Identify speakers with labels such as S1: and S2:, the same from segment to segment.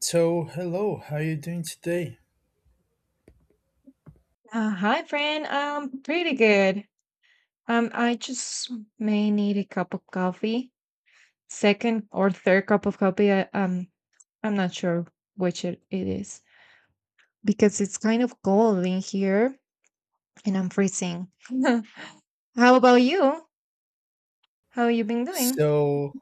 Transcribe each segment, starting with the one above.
S1: So, hello, how you doing today?
S2: Hi, friend. Pretty good. I just may need a cup of coffee. Second or third cup of coffee. I I'm not sure which it is because it's kind of cold in here and I'm freezing. How about you? How you been doing?
S1: So,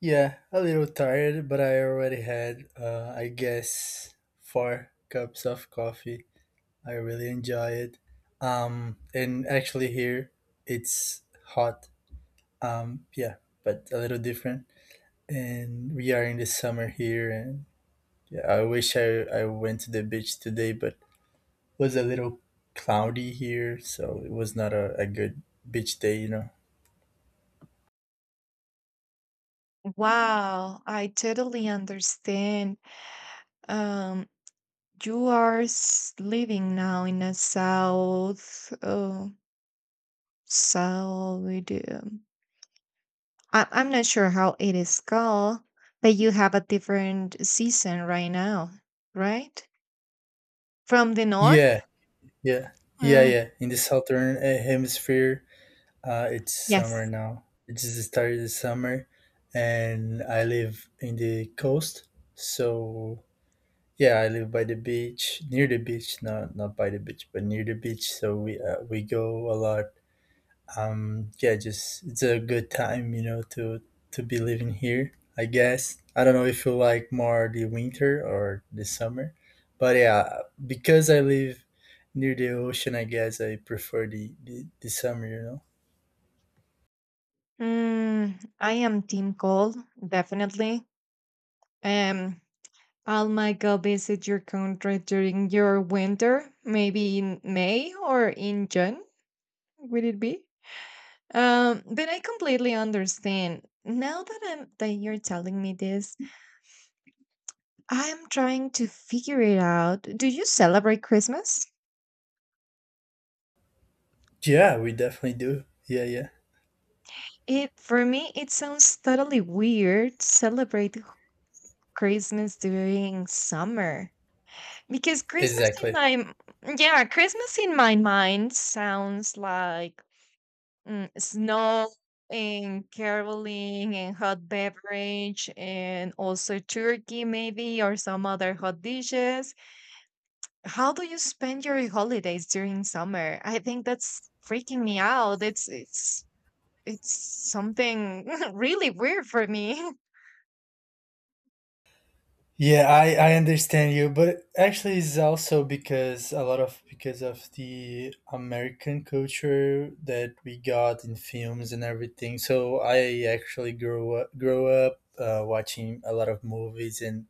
S1: yeah, a little tired, but I already had, I guess, four cups of coffee. I really enjoy it. And actually, here it's hot. Yeah, but a little different. And we are in the summer here, and yeah, I wish I went to the beach today, but it was a little cloudy here, so it was not a good beach day.
S2: Wow, I totally understand. Um, you are living now in a south, south. I'm not sure how it is called, but you have a different season right now, right? From the north?
S1: Yeah, yeah, yeah,
S2: Mm,
S1: yeah. In the southern hemisphere, it's summer
S2: yes.
S1: now. It just started the summer, and I live in the coast. So yeah, I live by the beach, near the beach, not by the beach, but near the beach. So we go a lot, yeah, just it's a good time to be living here, I guess. I don't know if you like more the winter or the summer, but yeah, because I live near the ocean, I guess I prefer the summer.
S2: Mm, I am team cold, definitely. Um, I'll might go visit your country during your winter, maybe in May or in June, would it be? But I completely understand. Now that I'm that you're telling me this, I'm trying to figure it out. Do you celebrate Christmas?
S1: Yeah, we definitely do, yeah.
S2: It for me it sounds totally weird to celebrate Christmas during summer because Christmas in
S1: Exactly.
S2: my m- yeah, Christmas in my mind sounds like snow and caroling and hot beverage and also turkey maybe or some other hot dishes. How do you spend your holidays during summer? I think that's freaking me out. It's it's something really weird for me.
S1: Yeah, I understand you, but actually it's also because a lot of because of the American culture that we got in films and everything. So I actually grew up watching a lot of movies, and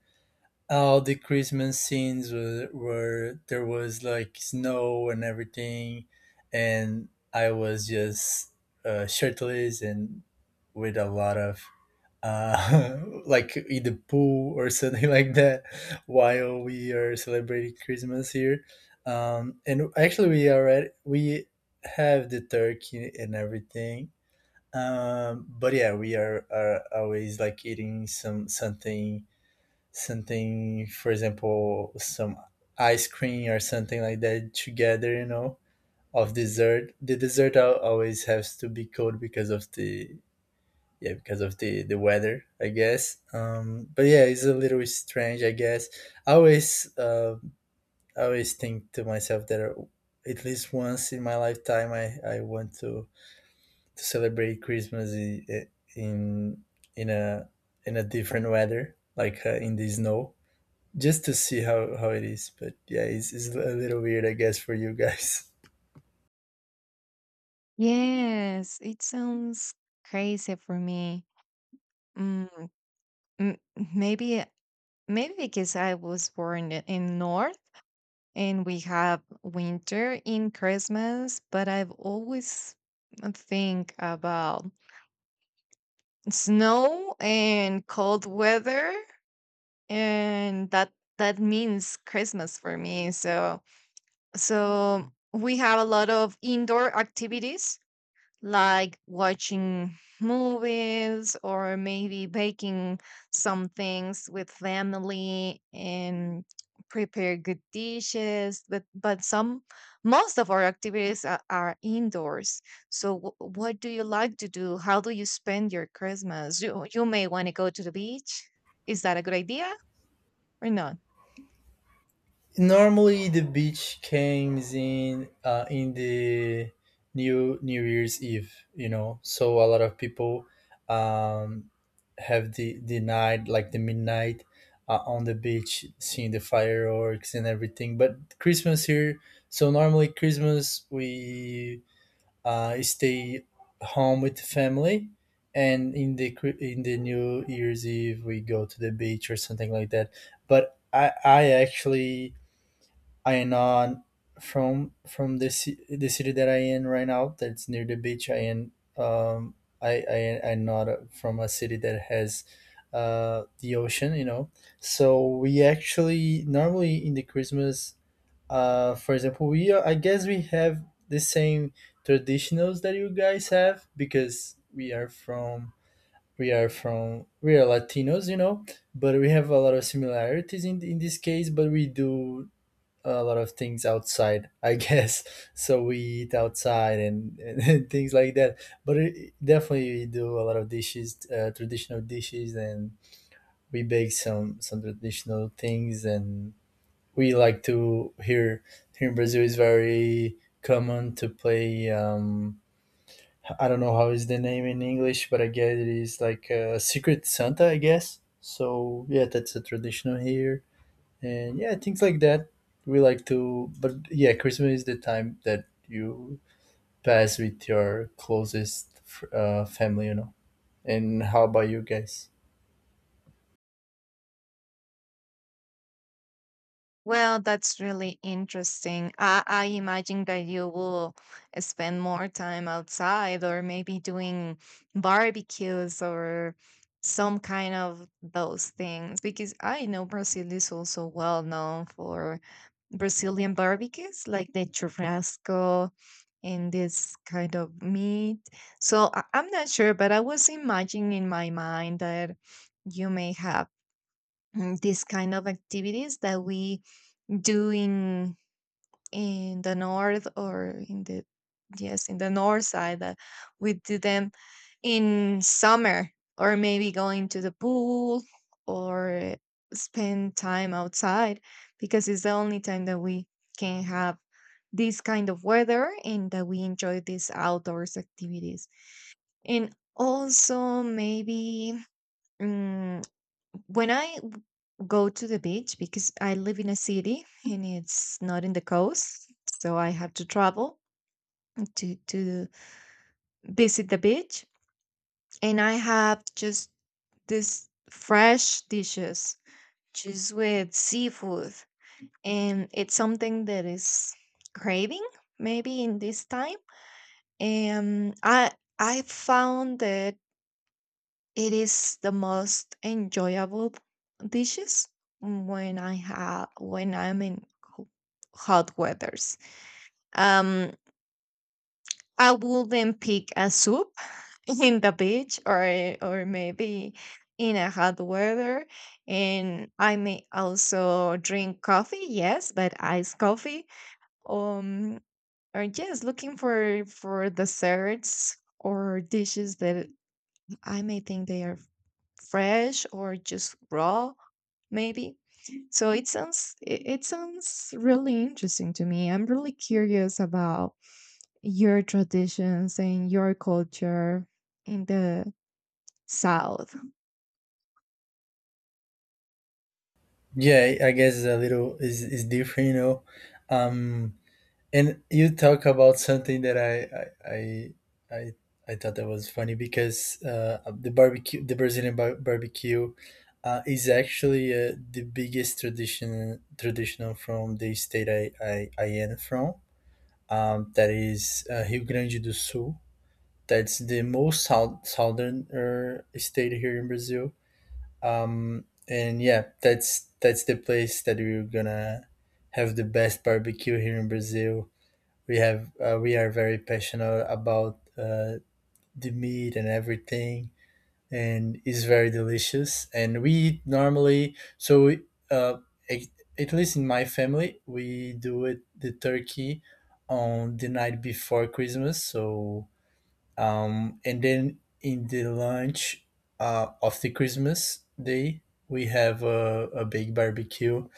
S1: all the Christmas scenes were, there was like snow and everything, and I was just shirtless and with a lot of uh, like in the pool or something like that while we are celebrating Christmas here. And actually, we have the turkey and everything. But yeah, we are always like eating something something, for example, some ice cream or something like that together. You know, of dessert. The dessert always has to be cold because of the yeah because of the weather, I guess. But yeah, it's a little strange, I guess. I always, I always think to myself that at least once in my lifetime I want to celebrate Christmas in in a in a different weather, like in the snow, just to see how it is. But yeah, it's a little weird, I guess, for you guys.
S2: Yes, it sounds crazy for me. Mm, m- maybe maybe because I was born in North and we have winter in Christmas, but I've always think about snow and cold weather and that means Christmas for me. So we have a lot of indoor activities like watching movies or maybe baking some things with family and prepare good dishes but some most of our activities are indoors. So what do you like to do? How do you spend your Christmas? You may want to go to the beach. Is that a good idea or not?
S1: Normally, the beach comes in the New Year's Eve, you know. So a lot of people, um, have the night, like the midnight, on the beach, seeing the fireworks and everything. But Christmas here, so normally Christmas we stay home with the family, and in the in the New Year's Eve we go to the beach or something like that. But I actually I am on from the the city that I in right now. That's near the beach. I am, um I'm not from a city that has the ocean. You know, so we actually normally in the Christmas, for example, we are, I guess we have the same traditionals that you guys have because we are from we are Latinos. You know, but we have a lot of similarities in this case. But we do a lot of things outside, I guess. So we eat outside and things like that, but it, definitely we do a lot of dishes, traditional dishes, and we bake some traditional things, and we like to here here in Brazil is very common to play, I don't know how is the name in English, but I guess it is like a secret Santa, I guess. So yeah, that's a traditional here, and yeah, things like that we like to. But yeah, Christmas is the time that you pass with your closest family, you know. And how about you guys?
S2: Well, that's really interesting. I imagine that you will spend more time outside or maybe doing barbecues or some kind of those things because I know Brazil is also well known for Brazilian barbecues like the churrasco and this kind of meat. So I'm not sure, but I was imagining in my mind that you may have these kind of activities that we do in the north or in the yes in the north side that we do them in summer or maybe going to the pool or spend time outside because it's the only time that we can have this kind of weather and that we enjoy these outdoors activities. And also maybe mm, when go to the beach, because I live in a city and it's not in the coast, so I have to travel to visit the beach, and I have just this fresh dishes, just with seafood, and it's something that is craving maybe in this time, and I found that it is the most enjoyable dishes when I have when I'm in hot weathers. Um, I will then pick a soup in the beach or maybe in a hot weather, and I may also drink coffee. Yes, but iced coffee. Um, or just looking for desserts or dishes that I may think they are fresh or just raw maybe. So it sounds really interesting to me. I'm really curious about your traditions and your culture in the South.
S1: Yeah, I guess it's a little is different, you know. Um, and you talk about something that I I I, I thought that was funny, because the barbecue, the Brazilian barbecue, is actually the biggest traditional from the state I am from, that is Rio Grande do Sul. That's the most south, southern state here in Brazil. And yeah, that's the place that we're gonna have the best barbecue here in Brazil. We have we are very passionate about the meat and everything, and is very delicious. And we eat normally, so uh, at at least in my family, we do it the turkey on the night before Christmas. So and then in the lunch of the Christmas day, we have a big barbecue,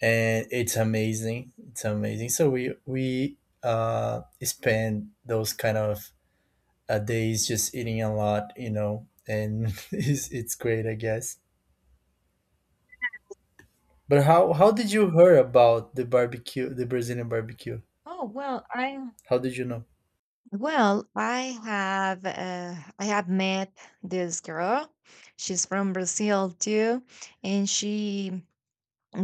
S1: and it's amazing. It's amazing. So we spend those kind of a day is just eating a lot, you know, and it's great, I guess. But how did you hear about the barbecue, the Brazilian barbecue?
S2: Oh, well, I.
S1: How did you know?
S2: Well, I have met this girl. She's from Brazil too, and she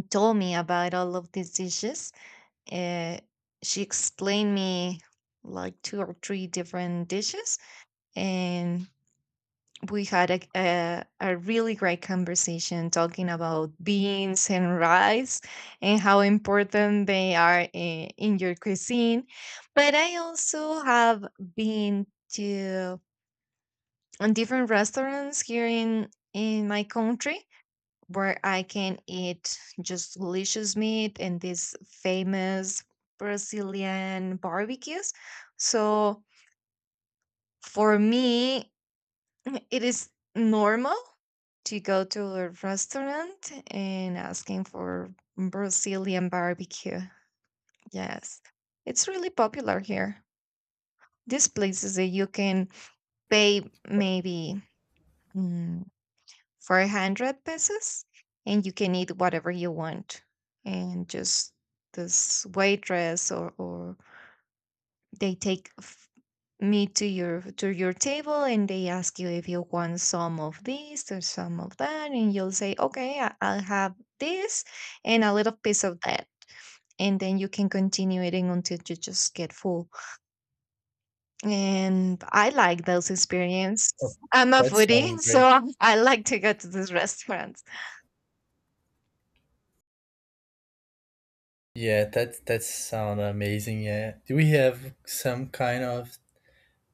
S2: told me about all of these dishes. Uh, she explained me like two or three different dishes, and we had a really great conversation talking about beans and rice and how important they are in your cuisine. But I also have been to on different restaurants here in my country where I can eat just delicious meat and these famous Brazilian barbecues. So for me, it is normal to go to a restaurant and asking for Brazilian barbecue. Yes, it's really popular here. These places that you can pay maybe mm, 400 pesos and you can eat whatever you want. And just this waitress or they take me to your table and they ask you if you want some of this or some of that and you'll say okay, I'll have this and a little piece of that, and then you can continue eating until you just get full. And I like those
S1: Oh,
S2: experiences. I'm a
S1: that sounds
S2: foodie,
S1: great.
S2: so I like to go to these restaurants.
S1: Yeah, that that sounds amazing. Yeah, do we have some kind of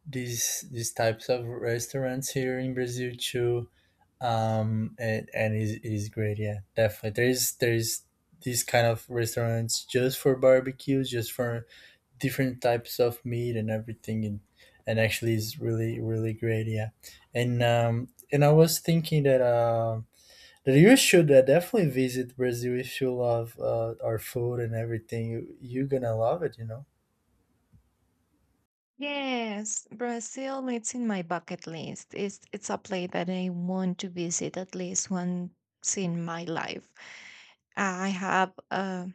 S1: these types of restaurants here in Brazil too? And it is great. Yeah, definitely. There is these kind of restaurants just for barbecues, just for different types of meat and everything, and actually is really great. Yeah, and I was thinking that that you should, definitely visit Brazil. If you love, our food and everything, you're gonna love it, you know.
S2: Yes, Brazil, it's in my bucket list. It's a place that I want to visit at least once in my life. I have uh,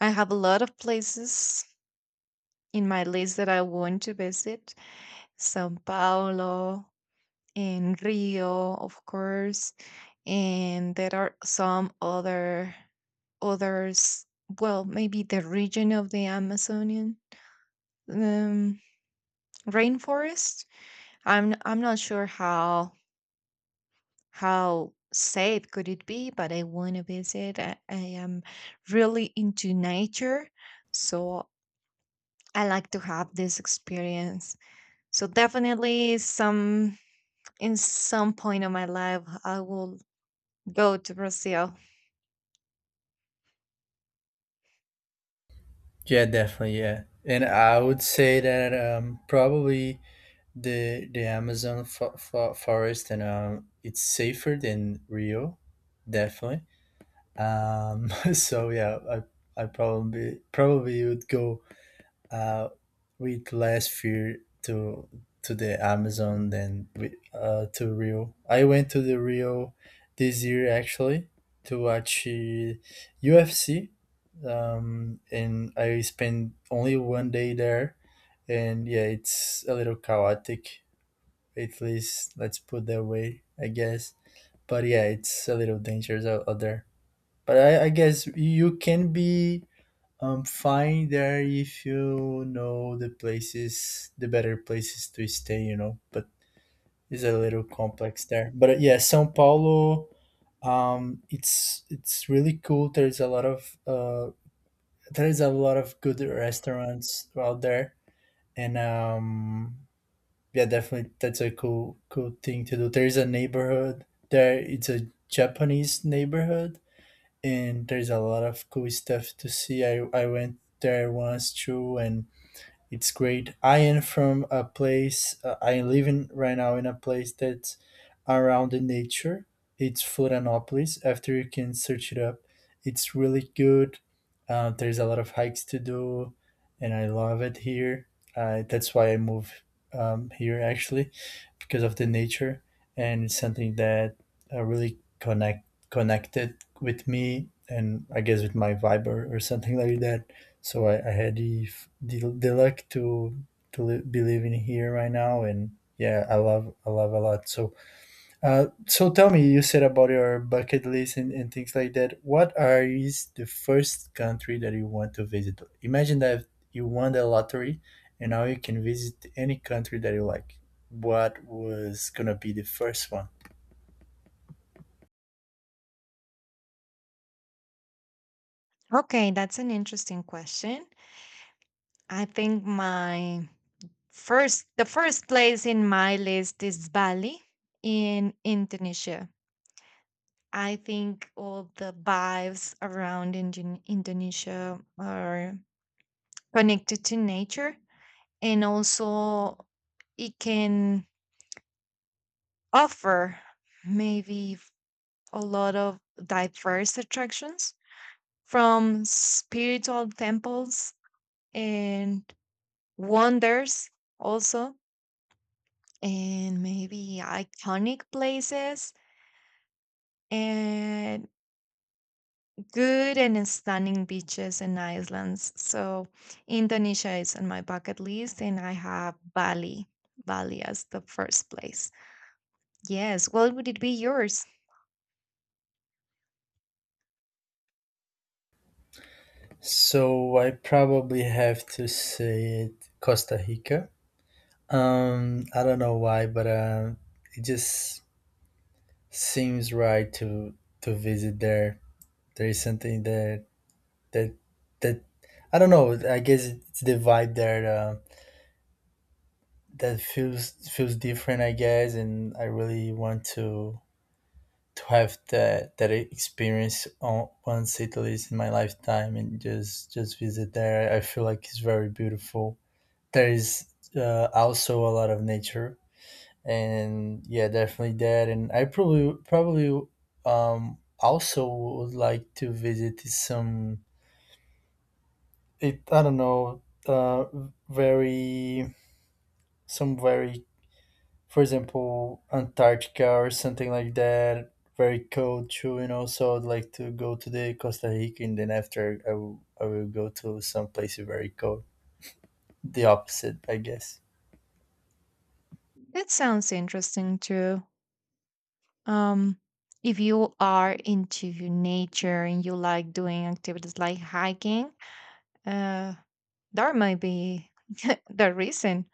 S2: I have a lot of places in my list that I want to visit. Sao Paulo and Rio, of course, and there are some other others. Well, maybe the region of the Amazonian um, rainforest. I'm not sure how safe could it be? But I want to visit. I am really into nature, so I like to have this experience. So definitely, some in some point of my life, I will go to Brazil.
S1: Yeah, definitely. Yeah, and I would say that, probably the Amazon forest, and it's safer than Rio, definitely. So yeah, I probably would go uh, with less fear to the Amazon than with, to Rio. I went to the Rio this year, actually, to watch, UFC, and I spent only one day there. And yeah, it's a little chaotic. At least let's put that way, I guess. But yeah, it's a little dangerous out there. But I guess you can be, am fine there if you know the places, the better places to stay, you know, but it's a little complex there. But yeah, Sao Paulo, it's really cool. There's a lot of there is a lot of good restaurants out there, and yeah, definitely that's a cool thing to do. There's a neighborhood there. It's a Japanese neighborhood, and there's a lot of cool stuff to see. I went there once too, and it's great. I am from a place, I am living right now in a place that's around the nature. It's Florianopolis. After you can search it up, it's really good. There's a lot of hikes to do, and I love it here. That's why I moved, here, actually, because of the nature, and it's something that, really connected with me, and I guess with my vibe or something like that. So I had the, the luck to be living here right now, and yeah, I love a lot. So so tell me, you said about your bucket list and things like that. What are is the first country that you want to visit? Imagine that you won the lottery and now you can visit any country that you like. What was gonna be the first one?
S2: Okay, that's an interesting question. I think my the first place in my list is Bali in Indonesia. I think all the vibes around Indonesia are connected to nature and also it can offer maybe a lot of diverse attractions from spiritual temples and wonders also and maybe iconic places and good and stunning beaches and islands. So Indonesia is on my bucket list, and I have Bali as the first place. Yes, well, would it be yours?
S1: So I probably have to say it Costa Rica. I don't know why, but it just seems right to visit there. There is something that that I don't know. I guess it's the vibe there, that feels different, I guess, and I really want to have that experience on, once at least in my lifetime, and just visit there. I feel like it's very beautiful. There is, also a lot of nature, and yeah, definitely that. And I probably also would like to visit some it I don't know, uh very some very, for example, Antarctica or something like that, very cold too, you know. So I'd like to go to the Costa Rica, and then after I will go to some places very cold, the opposite, I guess.
S2: That sounds interesting too. Um, if you are into nature and you like doing activities like hiking, uh, there might be the reason.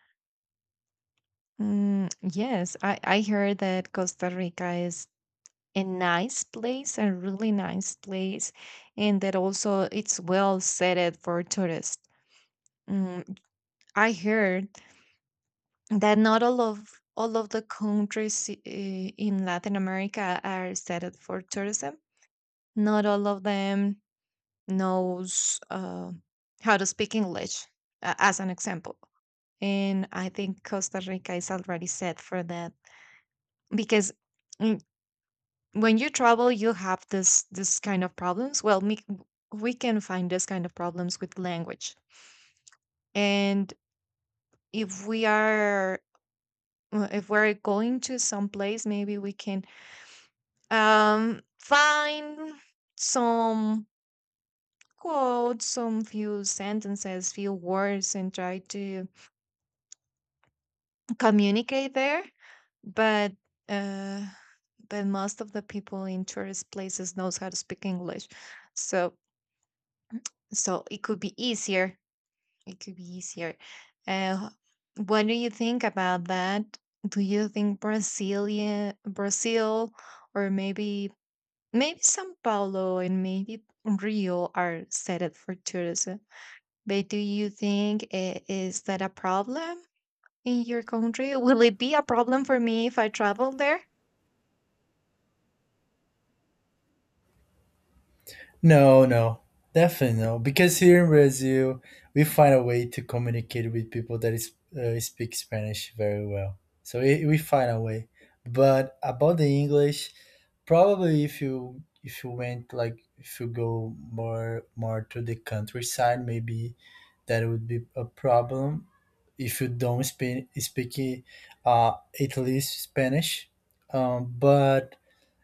S2: Mm, yes, I heard that Costa Rica is a nice place, a really nice place, and that also it's well set for tourists. Mm, I heard that not all of all of the countries in Latin America are set up for tourism. Not all of them knows how to speak English, as an example. And I think Costa Rica is already set for that because mm, when you travel you have this kind of problems well me, we can find this kind of problems with language and if we are if we're going to some place maybe we can find some quotes some few sentences few words and try to communicate there but uh but most of the people in tourist places knows how to speak English. So it could be easier. It could be easier. Uh, what do you think about that? Do you think Brasilia, Brazil, or maybe São Paulo and maybe Rio are set up for tourism? But do you think is that a problem in your country? Will it be a problem for me if I travel there?
S1: No, definitely no, because here in Brazil we find a way to communicate with people that is, speak Spanish very well. So we find a way, but about the English, probably if you went, like if you go more to the countryside, maybe that would be a problem. If you don't speak, at least Spanish, but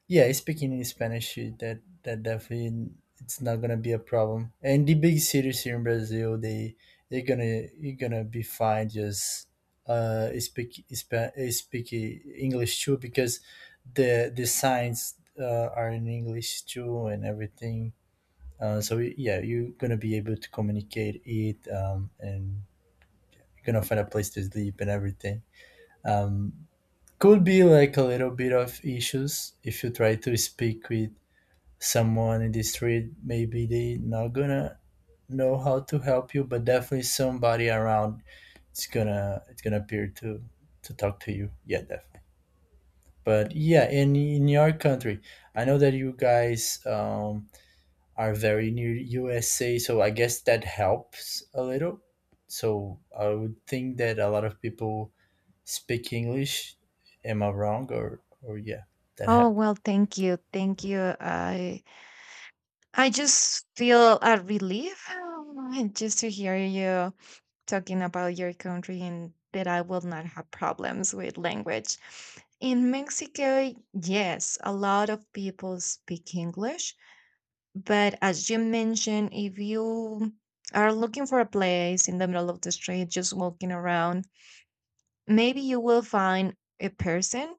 S1: yeah, speaking in Spanish, that that definitely it's not gonna be a problem. And the big cities here in Brazil, they're gonna you're gonna be fine just speak English too, because the signs, are in English too and everything. So yeah, you're gonna be able to communicate it, and you're gonna find a place to sleep and everything. Um, could be like a little bit of issues if you try to speak with someone in the street. Maybe they not gonna know how to help you, but definitely somebody around it's gonna appear to talk to you, yeah, definitely. But yeah, in your country, I know that you guys, are very near USA, so I guess that helps a little. So I would think that a lot of people speak English. Am I wrong? Or yeah, that
S2: Oh
S1: happens.
S2: well, thank you. I just feel a relief just to hear you talking about your country and that I will not have problems with language. In Mexico, yes, a lot of people speak English, but as you mentioned, if you are looking for a place in the middle of the street, just walking around, maybe you will find a person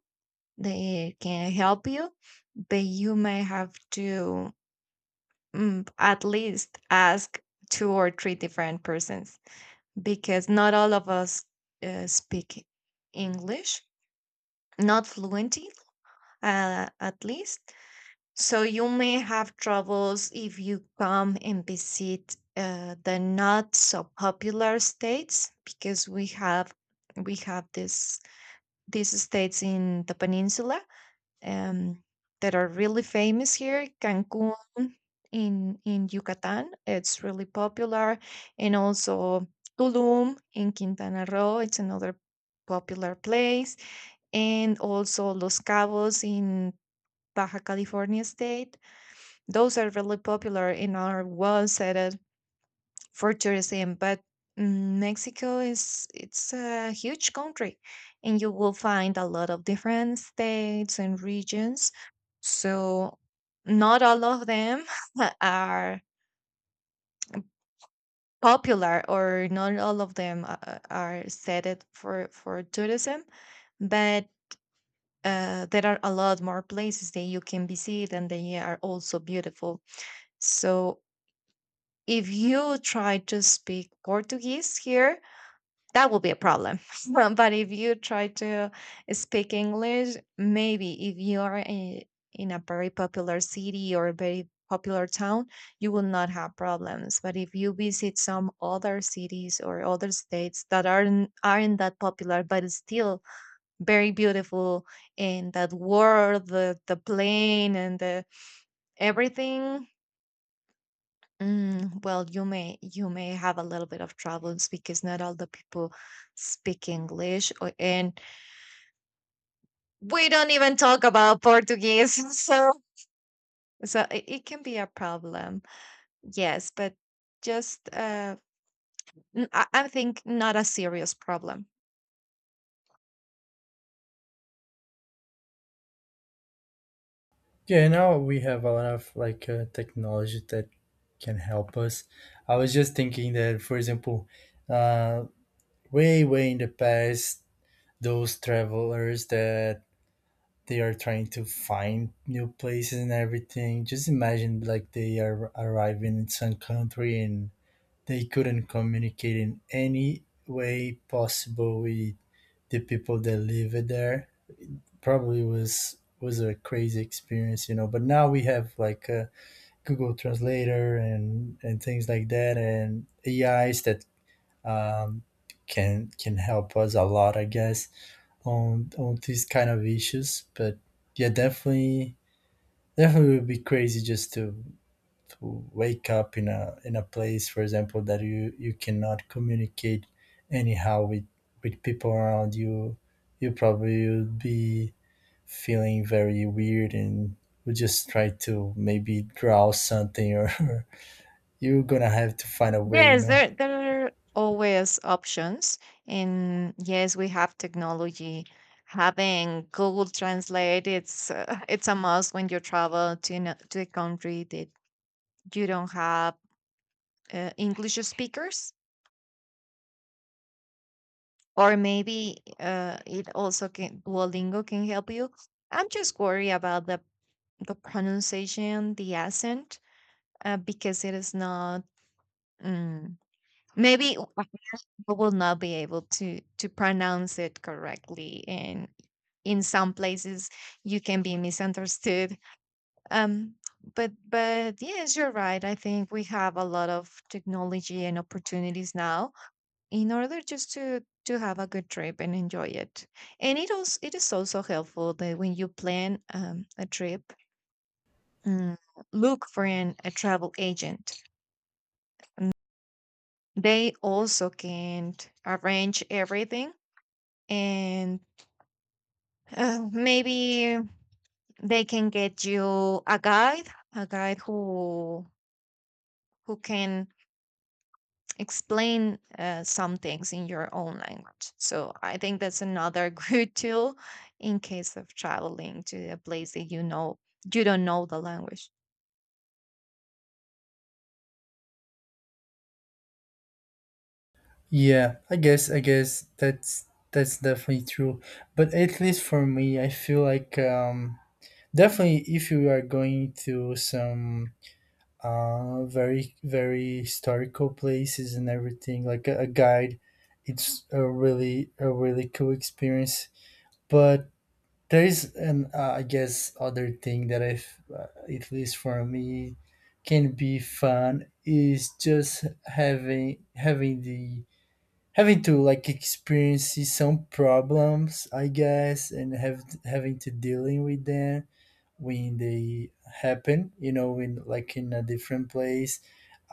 S2: that can help you, but you may have to at least ask two or three different persons because not all of us speak English, not fluently, at least. So you may have troubles if you come and visit the not so popular states because we have this these states in the peninsula um, that are really famous here. Cancun in Yucatan, it's really popular, and also Tulum in Quintana Roo. It's another popular place, and also Los Cabos in Baja California State. Those are really popular and are well set for tourism, but Mexico is it's a huge country, and you will find a lot of different states and regions. So not all of them are popular, or not all of them are set it for tourism, but. There are a lot more places that you can visit and they are also beautiful. So if you try to speak Portuguese here, that will be a problem. But if you try to speak English, maybe if you are in a very popular city or a very popular town, you will not have problems. But if you visit some other cities or other states that aren't that popular, but is still very beautiful, and that world, the plane, and the everything. Mm, well, you may have a little bit of troubles because not all the people speak English, or, and we don't even talk about Portuguese, so it, it can be a problem. Yes, but just I think not a serious problem.
S1: Yeah, now we have a lot of, like, technology that can help us. I was just thinking that, for example, uh, way in the past, those travelers that they are trying to find new places and everything. Just imagine like they are arriving in some country and they couldn't communicate in any way possible with the people that live there. Probably was a crazy experience, you know. But now we have like, Google Translator and things like that, and AIs that, um, can help us a lot, I guess, on these kind of issues. But yeah, definitely, definitely would be crazy just to wake up in a place, for example, that you cannot communicate anyhow with people around you. You probably would be feeling very weird, and would just try to maybe draw something or you're gonna have to find a way, you
S2: Yes,
S1: know.
S2: there are always options, and yes, we have technology. Having Google Translate, it's it's a must when you travel to to a country that you don't have English speakers, or maybe it also can Duolingo can help you. I'm just worried about the pronunciation, the accent, because it is not. Um, Maybe I will not be able to pronounce it correctly, and in some places you can be misunderstood. Um, but yes, you're right. I think we have a lot of technology and opportunities now in order just to have a good trip and enjoy it. And it is also helpful that when you plan a trip, mm, look for a travel agent. They also can arrange everything, and maybe they can get you a guide, a guide who who can explain some things in your own language. So I think that's another good tool in case of traveling to a place that you know you don't know the language.
S1: Yeah, I guess that's definitely true. But at least for me, I feel like, definitely if you are going to some, very historical places and everything, like a guide, it's a really cool experience. But there is an, I guess other thing that I, uh, at least for me, can be fun is just having the having to like experience some problems, I guess, and have having to dealing with them when they happen, you know, in like in a different place.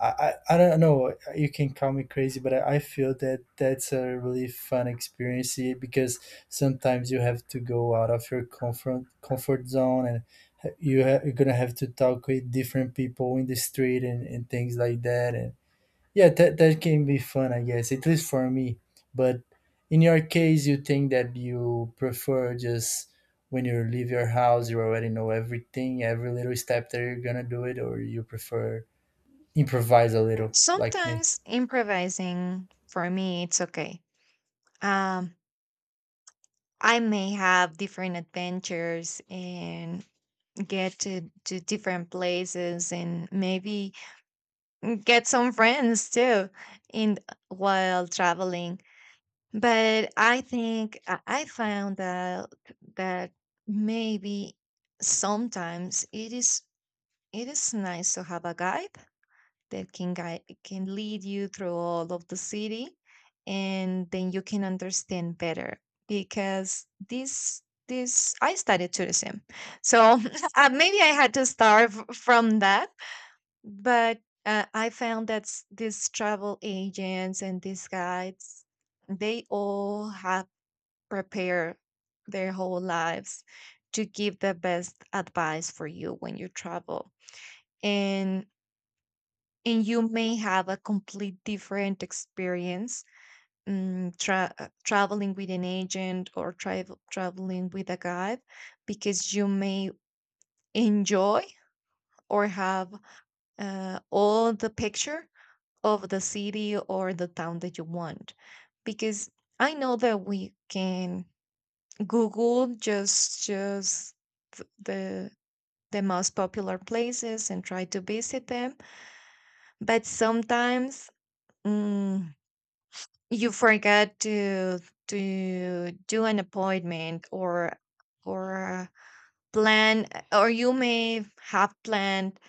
S1: I don't know, you can call me crazy, but I feel that that's a really fun experience, because sometimes you have to go out of your comfort zone and you're gonna have to talk with different people in the street and things like that. And yeah, that, that can be fun, I guess, at least for me. But in your case, you think that you prefer just when you leave your house, you already know everything, every little step that you're gonna do it, or you prefer improvise a little,
S2: Mm,
S1: like me?
S2: sometimes improvising for me it's okay. Um, I may have different adventures and get to different places and maybe get some friends too in while traveling. But I think I found out that maybe sometimes it is nice to have a guide that can lead you through all of the city and then you can understand better because this I studied tourism. So maybe I had to start from that, but I found that these travel agents and these guides they all have prepare their whole lives to give the best advice for you when you travel and and you may have a complete different experience traveling with an agent or traveling with a guide because you may enjoy or have all the picture of the city or the town that you want because I know that we can Google just the the most popular places and try to visit them, but sometimes mm, you forget to do an appointment or plan or you may have planned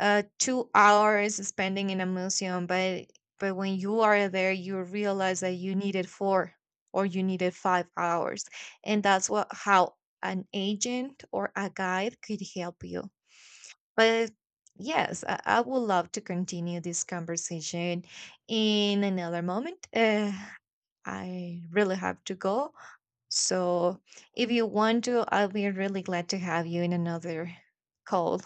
S2: 2 hours spending in a museum, but when you are there you realize that you needed four or you needed 5 hours, and that's what how an agent or a guide could help you. But yes, I would love to continue this conversation in another moment. I really have to go, so if you want to, I'll be really glad to have you in another call.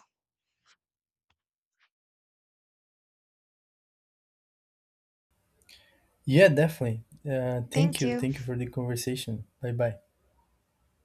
S1: Yeah, definitely.
S2: Thank you.
S1: Thank you for the conversation. Bye bye.